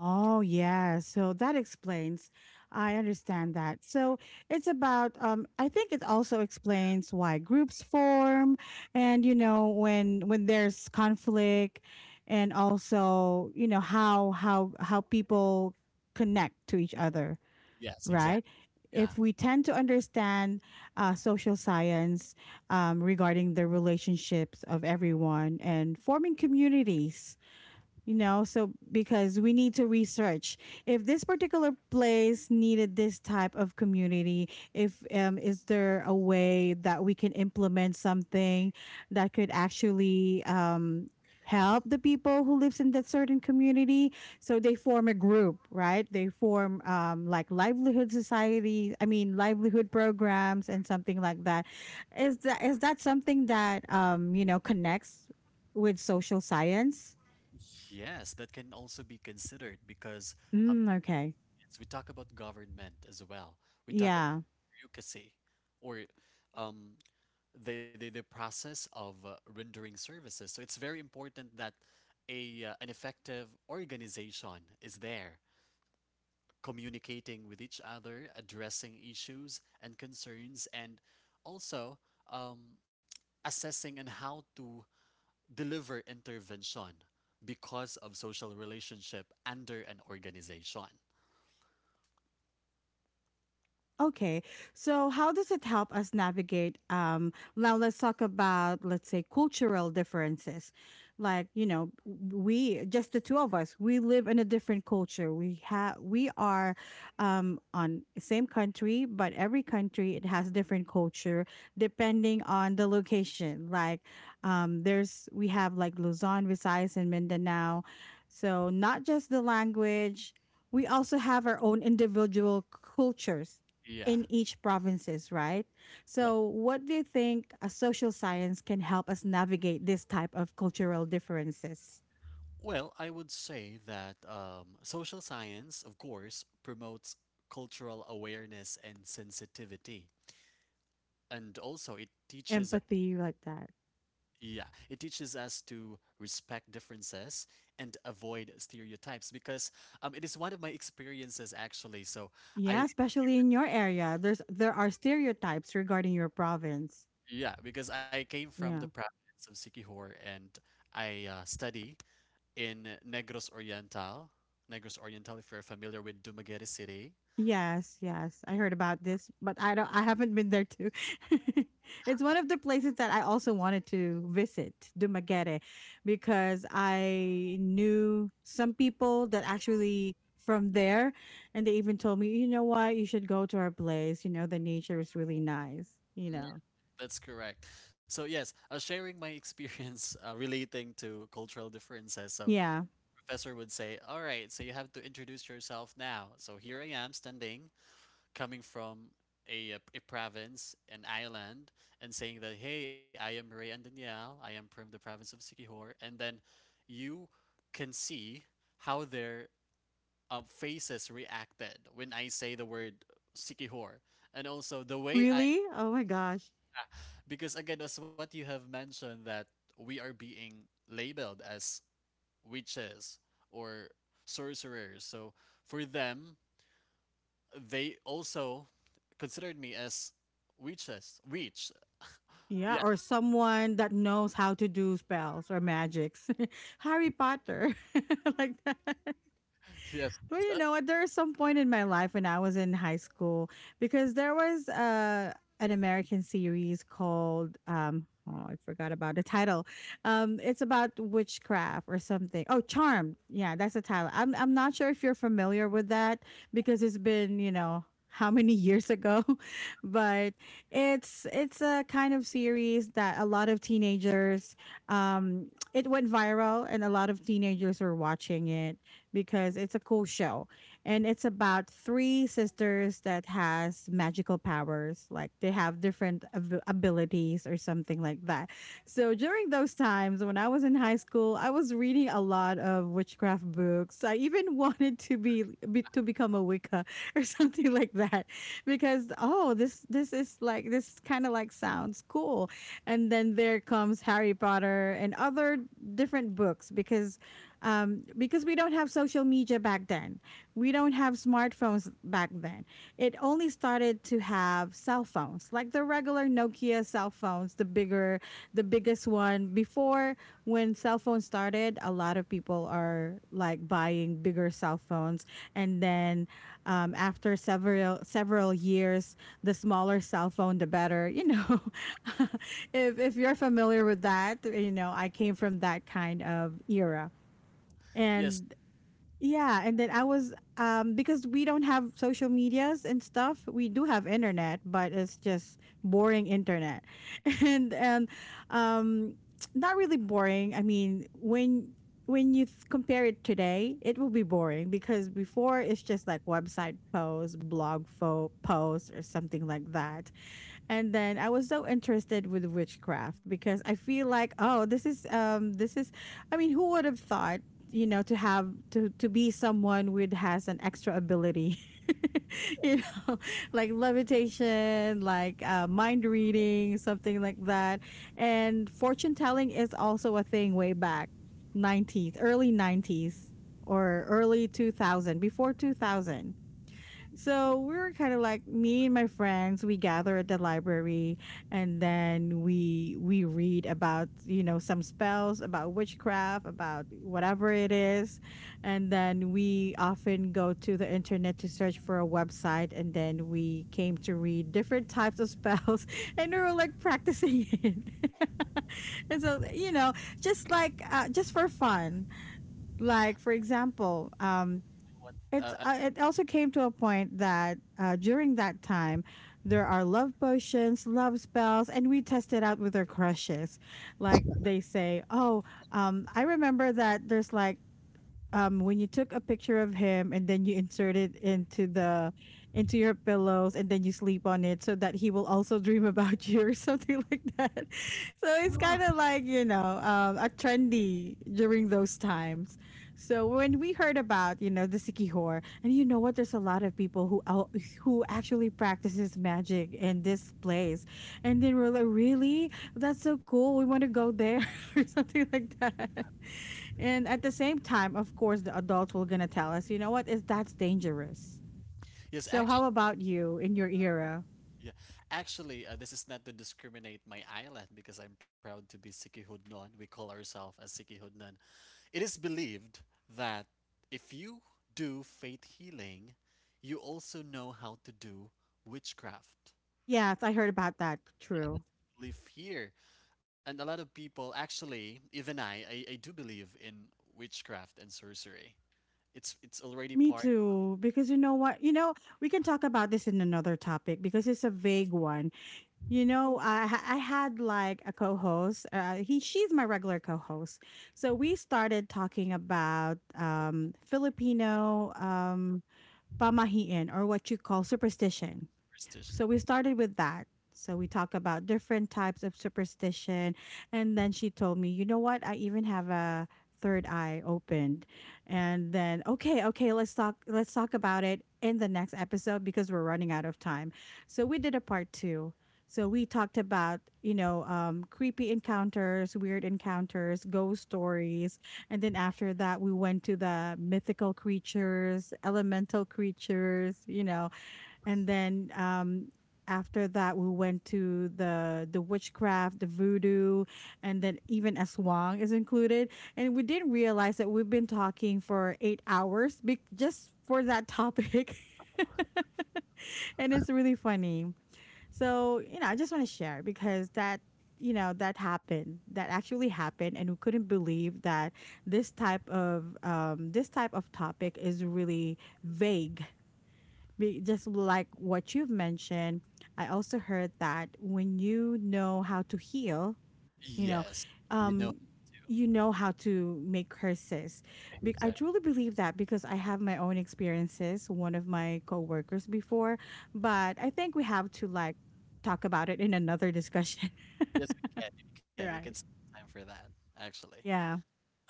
S1: Oh, yeah. So that explains. I understand that. So it's about, um, I think it also explains why groups form and, you know, when, when there's conflict, and also, you know, how, how, how people connect to each other,
S2: Yes,
S1: right?
S2: exactly. Yeah.
S1: If we tend to understand uh, social science, um, regarding the relationships of everyone and forming communities, you know, so because we need to research if this particular place needed this type of community, if um is there a way that we can implement something that could actually um help the people who lives in that certain community, so they form a group, right? They form um like livelihood society, I mean livelihood programs and something like that. Is that is that something that um you know connects with social science?
S2: Yes, that can also be considered because um,
S1: Mm, okay.
S2: yes, we talk about government as well. We talk about
S1: Yeah.
S2: bureaucracy or um, the, the, the process of uh, rendering services. So it's very important that a uh, an effective organization is there communicating with each other, addressing issues and concerns, and also um, assessing and how to deliver intervention because of social relationship under an organization.
S1: Okay. So how does it help us navigate um, now let's talk about, let's say, cultural differences. Like, you know, we just the two of us, we live in a different culture. We have we are um on same country, but every country it has different culture depending on the location. Like um there's we have like Luzon, Visayas and Mindanao. So not just the language, we also have our own individual cultures
S2: Yeah.
S1: in each provinces, right?
S2: Yeah.
S1: So what do you think a social science can help us navigate this type of cultural differences?
S2: Well, I would say that um, social science, of course, promotes cultural awareness and sensitivity. And also, it teaches,
S1: Empathy like that.
S2: yeah, it teaches us to respect differences and avoid stereotypes because um, it is one of my experiences actually. So I,
S1: Yeah, especially in your area. There's there are stereotypes regarding your province.
S2: yeah, because I came from the
S1: Yeah.
S2: province of Sikihor and I uh, study in Negros Oriental. Negros Oriental, if you're familiar with Dumaguete City.
S1: Yes, yes. I heard about this, but I don't I haven't been there too. It's one of the places that I also wanted to visit, Dumaguete, because I knew some people that actually from there, and they even told me, "You know what? You should go to our place. You know, the nature is really nice, you
S2: Mm,
S1: know."
S2: that's correct. So yes, I was sharing my experience uh, relating to cultural differences. So
S1: Yeah.
S2: professor would say, "All right, so you have to introduce yourself now." So here I am standing coming from a, uh, a province, an island, and saying that, hey, I am Ray and Danielle, I am from the province of Sikihor, and then you can see how their uh, faces reacted when I say the word Sikihor. And also the way I,
S1: Really? Oh my gosh.
S2: because again, as what you have mentioned, that we are being labeled as witches or sorcerers. So for them, they also considered me as witches. Witch.
S1: Yeah,
S2: Yeah.
S1: or someone that knows how to do spells or magics. Harry Potter. Like that.
S2: Yes.
S1: But
S2: So,
S1: you know what? There was some point in my life when I was in high school, because there was uh, an American series called um, oh, I forgot about the title. Um, it's about witchcraft or something. Oh, Charmed. Yeah, that's the title. I'm I'm not sure if you're familiar with that because it's been you know how many years ago, but it's it's a kind of series that a lot of teenagers um it went viral, and a lot of teenagers were watching it because it's a cool show, and it's about three sisters that has magical powers, like they have different ab- abilities or something like that. So during those times when I was in high school, I was reading a lot of witchcraft books. I even wanted to be, be to become a wicca or something like that, because oh this this is like this kind of like sounds cool. And then there comes Harry Potter and other different books because um, because we don't have social media back then. We don't have smartphones back then. It only started to have cell phones, like the regular Nokia cell phones, the bigger, the biggest one. Before when cell phones started, a lot of people are like buying bigger cell phones, and then um, after several several years, the smaller cell phone, the better. You know, if if you're familiar with that, you know I came from that kind of era.
S2: yes.
S1: And yeah, and then I was um because we don't have social medias and stuff. We do have internet, but it's just boring internet. And and um not really boring. I mean, when when you th- compare it today, it will be boring because before it's just like website posts, blog fo- posts or something like that. And then I was so interested with witchcraft because I feel like oh this is um this is, I mean, who would have thought, you know, to have to to be someone with has an extra ability, you know, like levitation, like uh, mind reading, something like that. And fortune telling is also a thing way back, nineties, early nineties, or early two thousand, before two thousand.
S2: You
S1: So we were kind of like, me and my friends. We gather at the library, and then we we read about you know some spells, about witchcraft, about whatever it is, and then we often go to the internet to search for a website, and then we came to read different types of spells, and we were like practicing it, and so you know, just like uh, just for fun. Like for example, um,
S2: know what? Uh,
S1: it's
S2: uh,
S1: uh, it also came to a point that uh, during that time there are love potions, love spells, and we tested out with our crushes. Like they say oh um, I remember that there's like um when you took a picture of him and then you insert it into the into your pillows, and then you sleep on it so that he will also dream about you or something like that. So it's kind of like you know um, a trendy during those times. So when we heard about you know the Sikihor, and you know what, there's a lot of people who out, who actually practices magic in this place. And then we're like really, that's so cool, we want to go there, or something like that. And at the same time, of course, the adults were gonna tell us, you know what, is that's dangerous.
S2: yes.
S1: So how
S2: Actually.
S1: about you in your era?
S2: Yeah. Actually, uh, this is not to discriminate my island because I'm proud to be Sikihudnon. We call ourselves as Sikihudnon. It is believed that if you do faith healing, you also know how to do witchcraft.
S1: Yes, I heard about that. True.
S2: Live here. And a lot of people, actually, even I, I, I do believe in witchcraft and sorcery. It's it's
S1: Me
S2: already part
S1: too.
S2: of
S1: Because you know what? You know, we can talk about this in another topic because it's a vague one. You know, I ha- I had like a co-host. Uh, he she's my regular co-host. So we started talking about um Filipino um pamahiin or what you call superstition. So
S2: superstition.
S1: we started with that. So we talk about different types of superstition. And then she told me, you know what? I even have a third eye opened. And then, okay, okay, let's talk let's talk about it in the next episode because we're running out of time. So we did a part two. So we talked about, you know, um, creepy encounters, weird encounters, ghost stories. And then after that, we went to the mythical creatures, elemental creatures, you know, and then um after that we went to the the witchcraft, the voodoo, and then even aswang is included. And we didn't realize that we've been talking for eight hours be- just for that topic. And it's really funny. So you know I just want to share because that you know that happened, that actually happened, and we couldn't believe that this type of um, this type of topic is really vague. Be- just like what you've mentioned, I also heard that when you know how to heal, you know,
S2: Yes, you know,
S1: um, you know how to make curses. Be- I
S2: exactly.
S1: truly believe that because I have my own experiences, one of my coworkers before, but I think we have to like talk about it in another discussion.
S2: Yes, we can, we can, we can
S1: Right.
S2: spend time for that. Actually,
S1: Yeah.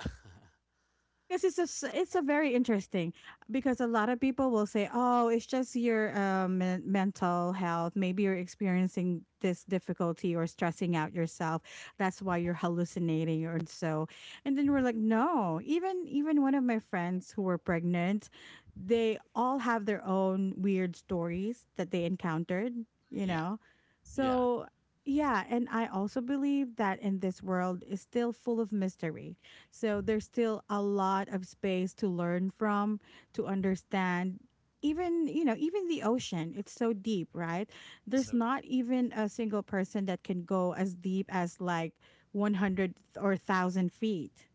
S1: Because it's a s- it's a very interesting, because a lot of people will say, "Oh, it's just your um, men- mental health. Maybe you're experiencing this difficulty or stressing out yourself. That's why you're hallucinating or so." And then we're like, "No. Even even one of my friends who were pregnant, they all have their own weird stories that they encountered. You
S2: yeah,
S1: know,
S2: yeah.
S1: so." Yeah, and I also believe that in this world is still full of mystery, so there's still a lot of space to learn from, to understand. Even, you know, even the ocean, it's so deep, right? There's
S2: So,
S1: not even a single person that can go as deep as like one hundred or one thousand feet.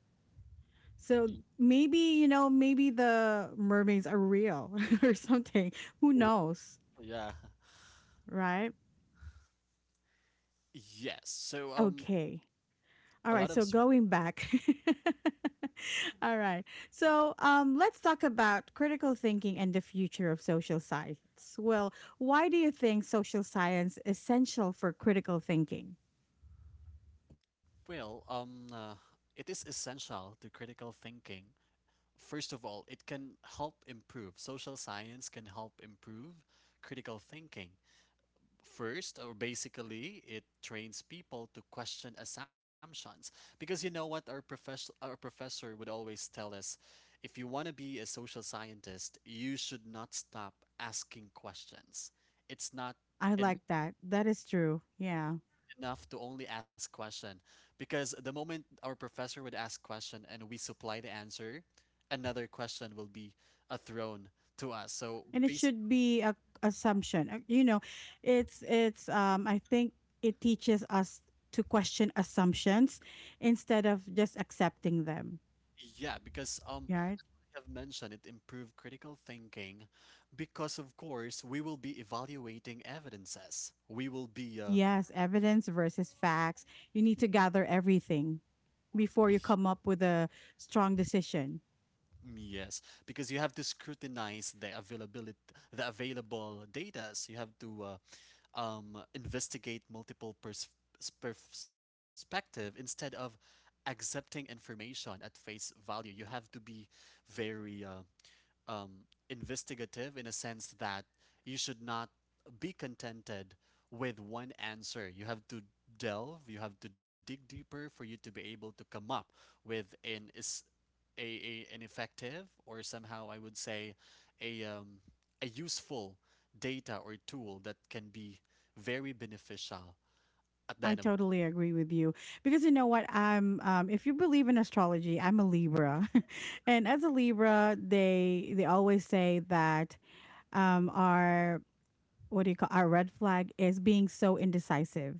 S1: So
S2: y-
S1: maybe, you know, maybe the mermaids are real or something. Who knows,
S2: yeah,
S1: right?
S2: yes. So, um,
S1: Okay.
S2: a lot
S1: All
S2: of
S1: right,
S2: sup-
S1: so going back. All right. So um, let's talk about critical thinking and the future of social science. Well, why do you think social science essential for critical thinking?
S2: well, um, uh, it is essential to critical thinking. First of all, it can help improve. Social science can help improve critical thinking. First, or basically, it trains people to question assumptions. Because you know what our professor our professor would always tell us, if you want to be a social scientist, you should not stop asking questions. It's not
S1: I like that. That is true. Yeah.
S2: enough to only ask question, because the moment our professor would ask question and we supply the answer, another question will be uh, thrown to us. So
S1: And it
S2: basically,
S1: should be a assumption. Uh, You know, it's it's um I think it teaches us to question assumptions instead of just accepting them.
S2: yeah, because um,
S1: Yeah.
S2: I have mentioned it improved critical thinking because of course we will be evaluating evidences. We will be uh,
S1: Yes, evidence versus facts. You need to gather everything
S2: y-
S1: before you come up with a strong decision.
S2: yes, because you have to scrutinize the availability, the available datas. You have to uh, um, investigate multiple pers- perspective instead of accepting information at face value. You have to be very uh, um, investigative in a sense that you should not be contented with one answer. You have to delve, you have to dig deeper for you to be able to come up with an is a, a an effective or somehow I would say a um, a useful data or tool that can be very beneficial at the
S1: I
S2: end of,
S1: totally agree with you because you know what? I'm um If you believe in astrology, I'm a Libra. And as a Libra, they they always say that um our, what do you call, our red flag is being so indecisive.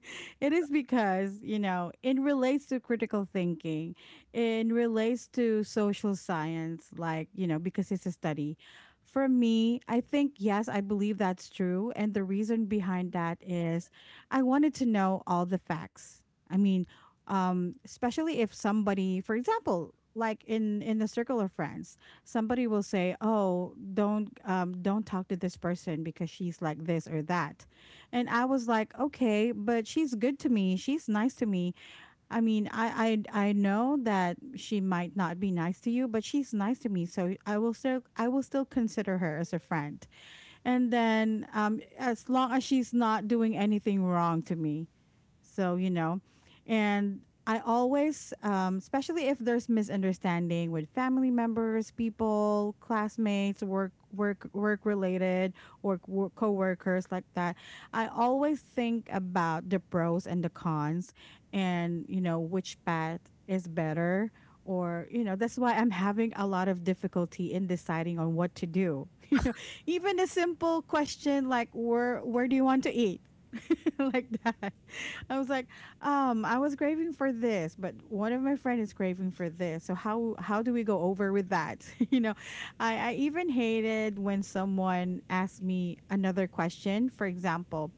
S1: It is because, you know, it relates to critical thinking, it relates to social science, like, you know, because it's a study. For me, I think, yes, I believe that's true. And the reason behind that is I wanted to know all the facts. I mean, um, especially if somebody, for example, like in in the circle of friends, somebody will say, oh, don't um, don't talk to this person because she's like this or that. And I was like, okay, but she's good to me, she's nice to me. I mean, i i, I know that she might not be nice to you, but she's nice to me, so i will still I will still consider her as a friend. And then um, as long as she's not doing anything wrong to me. So, you know, and I always, um, especially if there's misunderstanding with family members, people, classmates, work, work, work related, or co coworkers like that, I always think about the pros and the cons, and you know which path is better. Or you know that's why I'm having a lot of difficulty in deciding on what to do. You know, even a simple question like where where do you want to eat, like that. I was like, um, I was craving for this, but one of my friend is craving for this. So how how do we go over with that? You know, I, I even hated when someone asked me another question. For example,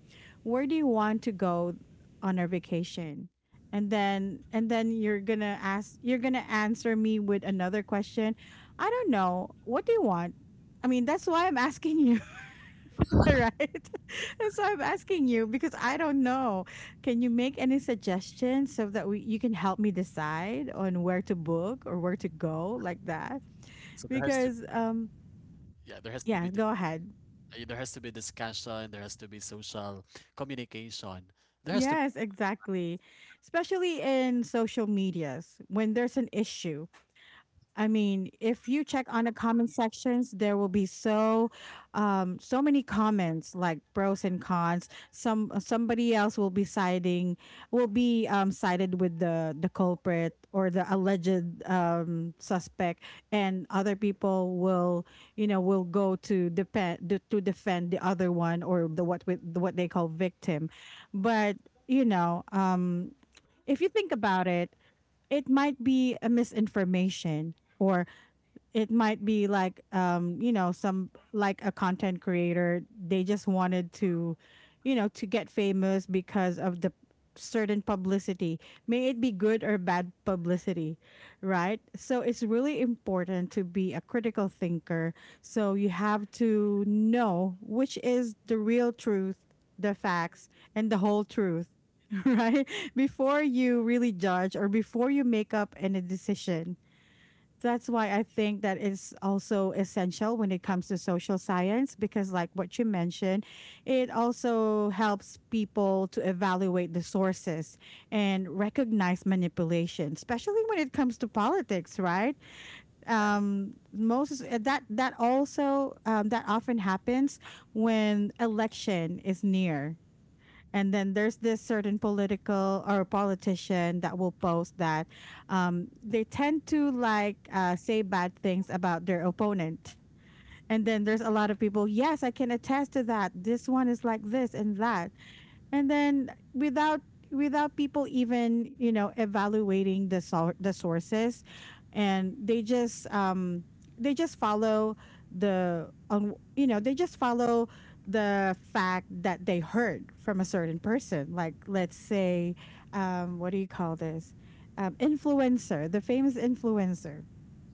S1: where do you want to go on our vacation? And then and then you're gonna ask you're gonna answer me with another question. I don't know. What do you want? I mean, that's why I'm asking you. Right? That's why I'm asking you because I don't know. Can you make any suggestions so that we, you can help me decide on where to book or where to go, like that?
S2: so there has to,
S1: Because um
S2: yeah, there has to be
S1: yeah, go ahead.
S2: uh, there has to be discussion, there has to be social communication, there has to be,
S1: Yes, exactly. Especially in social medias when there's an issue. I mean, if you check on the comment sections, there will be so, um, so many comments like pros and cons. Some uh, somebody else will be siding, will be um sided with the the culprit or the alleged um suspect, and other people will, you know, will go to defend to to defend the other one or the what with what they call victim, but you know, um, if you think about it, it might be a misinformation or it might be like um you know some like a content creator, they just wanted to, you know, to get famous because of the certain publicity, may it be good or bad publicity, right? So it's really important to be a critical thinker, so you have to know which is the real truth, the facts, and the whole truth. Right. Before you really judge or before you make up any decision. That's why I think that is also essential when it comes to social science because, like what you mentioned, it also helps people to evaluate the sources and recognize manipulation, especially when it comes to politics, right? Um, most eh, that that also um, that often happens when election is near. And then there's this certain political or politician that will post that, um, they tend to like uh, say bad things about their opponent. And then there's a lot of people, yes, I can attest to that, this one is like this and that. And then without, without people even, you know, evaluating the sor- the sources, and they just um they just follow the on you know, they just follow the fact that they heard from a certain person, like let's say, um what do you call this, um influencer, the famous influencer,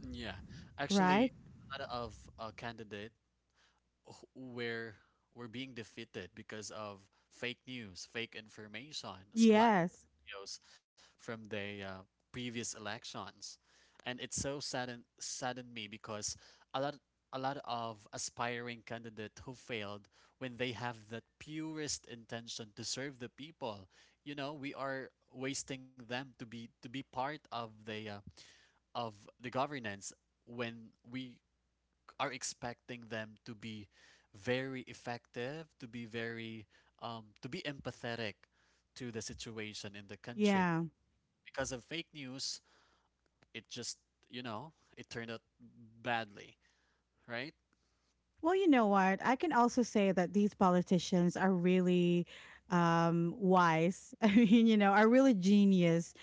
S2: yeah. Actually
S1: right?
S2: a lot of uh, candidate wh- where we're being defeated because of fake news fake information spl
S1: Yes.
S2: videos from the uh, previous elections, and it so saddened saddened me because a lot a lot of aspiring candidate who failed when they have that purest intention to serve the people. You know, we are wasting them to be to be part of the uh, of the governance when we are expecting them to be very effective, to be very um, to be empathetic to the situation in the country,
S1: Yeah.
S2: because of fake news, it just, you know, it turned out badly, right?
S1: Well, you know what? I can also say that these politicians are really um, wise. I mean, you know, are really genius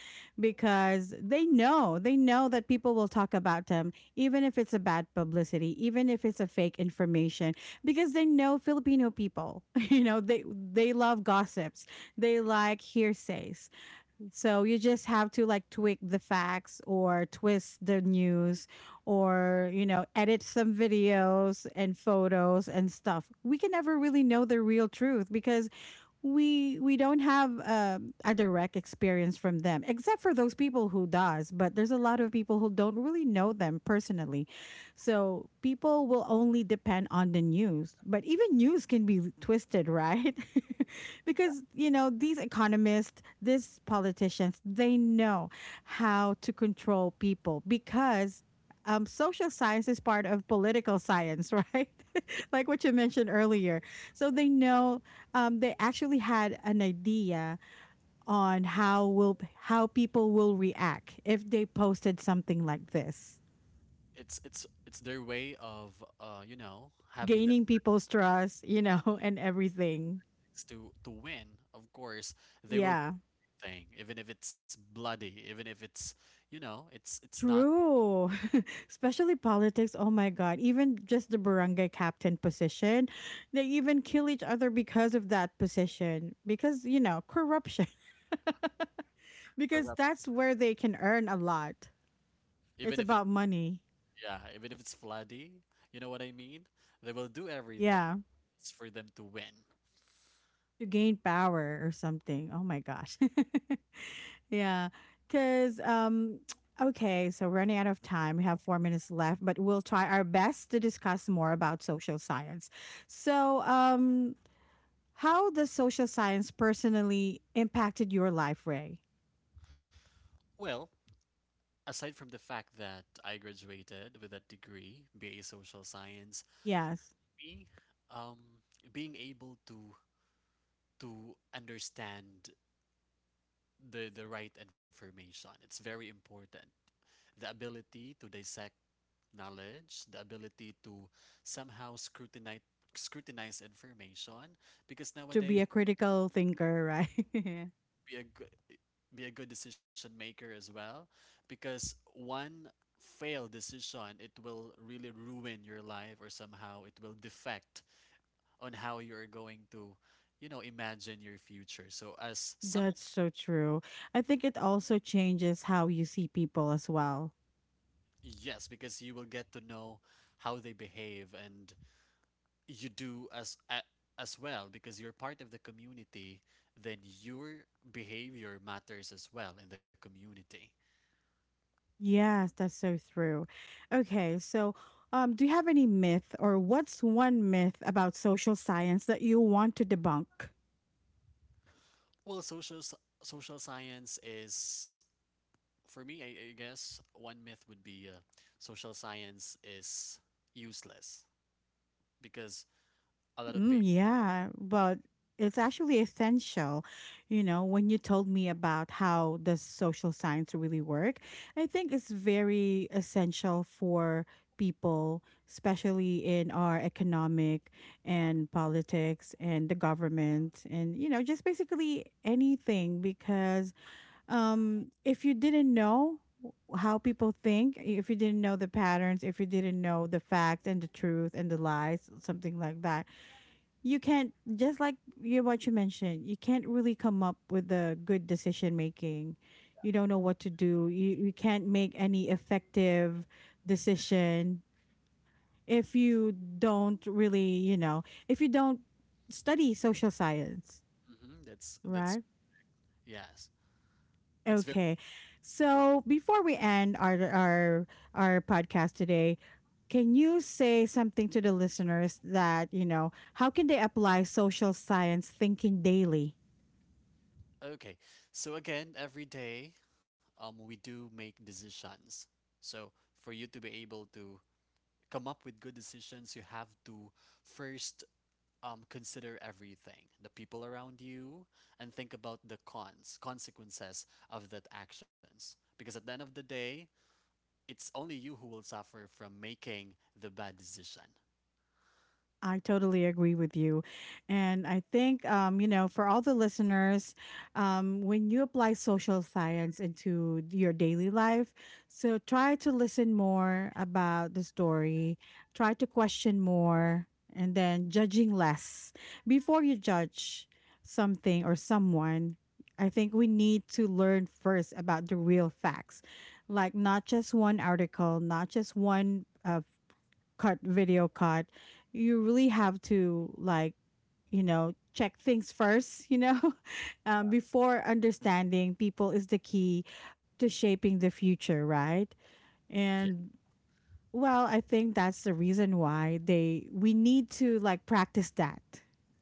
S1: because they know, they know that people will talk about them, even if it's a bad publicity, even if it's a fake information, because they know Filipino people. You know, they they love gossips, they like hearsays. So you just have to like tweak the facts or twist the news, or, you know, edit some videos and photos and stuff. We can never really know the real truth because we we don't have um, a direct experience from them, except for those people who does, but there's a lot of people who don't really know them personally. So people will only depend on the news, but even news can be twisted, right? Because you know these economists, these politicians, they know how to control people because, um, social science is part of political science, right? Like what you mentioned earlier. So they know, um, they actually had an idea on how will how people will react if they posted something like this,
S2: It's it's it's their way of uh, you know, having the
S1: gaining people's trust, you know, and everything.
S2: things to to win. Of course, they will
S1: Yeah.
S2: do thing, even if it's bloody, even if it's, you know, it's it's not
S1: True. Especially politics. Oh my God. Even just the barangay captain position, they even kill each other because of that position, because, you know, corruption. Because
S2: corrupt,
S1: that's where they can earn a lot.
S2: even
S1: It's
S2: if it,
S1: about money.
S2: yeah, even if it's bloody, you know what I mean? They will do everything.
S1: Yeah.
S2: It's for them to win.
S1: To gain power or something. Oh my gosh. Yeah. Cause um okay, so running out of time. We have four minutes left, but we'll try our best to discuss more about social science. So um how does social science personally impacted your life, Ray?
S2: Well, aside from the fact that I graduated with a degree, B A Social Science,
S1: Yes.
S2: me, um, being able to to understand the the right information, it's very important. The ability to dissect knowledge, the ability to somehow scrutinize scrutinize information, because
S1: To be
S2: nowadays,
S1: a critical thinker, right?
S2: be a good be a good decision maker as well, because one failed decision it will really ruin your life or somehow it will defect on how you're going to, you know, imagine your future. So as some,
S1: That's so true. I think it also changes how you see people as well.
S2: yes, because you will get to know how they behave and you do as a, as well because you're part of the community, then your behavior matters as well in the community.
S1: Yes, that's so true. Okay, so um, do you have any myth or what's one myth about social science that you want to debunk?
S2: Well, social s- social science is, for me, I, I guess one myth would be uh, social science is useless because a lot of
S1: Mm,
S2: people.
S1: yeah, but it's actually essential. You know, when you told me about how does social science really work, I think it's very essential for people, especially in our economic and politics and the government, and you know, just basically anything, because um if you didn't know how people think, if you didn't know the patterns, if you didn't know the facts and the truth and the lies, something like that, you can't just like, you what you mentioned, you can't really come up with the good decision making. You don't know what to do. You, you can't make any effective decision if you don't really, you know, if you don't study social science,
S2: Hmm that's that's
S1: right?
S2: yes, it's,
S1: Okay. So before we end our our our podcast today, can you say something to the listeners that, you know, how can they apply social science thinking daily?
S2: okay, so again, every day, um, we do make decisions. So for you to be able to come up with good decisions, you have to first um, consider everything, the people around you, and think about the cons, consequences of that actions. Because at the end of the day, it's only you who will suffer from making the bad decision.
S1: I totally agree with you. And I think, um, you know, for all the listeners, um, when you apply social science into your daily life, so try to listen more about the story, try to question more, and then judging less. Before you judge something or someone, I think we need to learn first about the real facts, like not just one article, not just one uh cut video cut. You really have to like, you know, check things first, you know. Um, before, understanding people is the key to shaping the future, right?
S2: Yes,
S1: And, well, I think that's the reason why they we need to like practice that,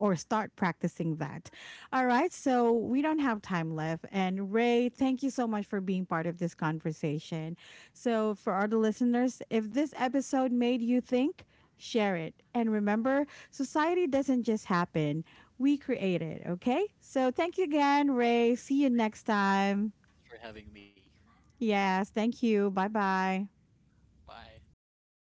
S1: or start practicing that. All right, so we don't have time left and Ray, thank you so much for being part of this conversation. So for all the listeners, if this episode made you think, share it. And remember, society doesn't just happen. We create it, okay? So thank you again, Ray. See you
S2: for having me. Bye.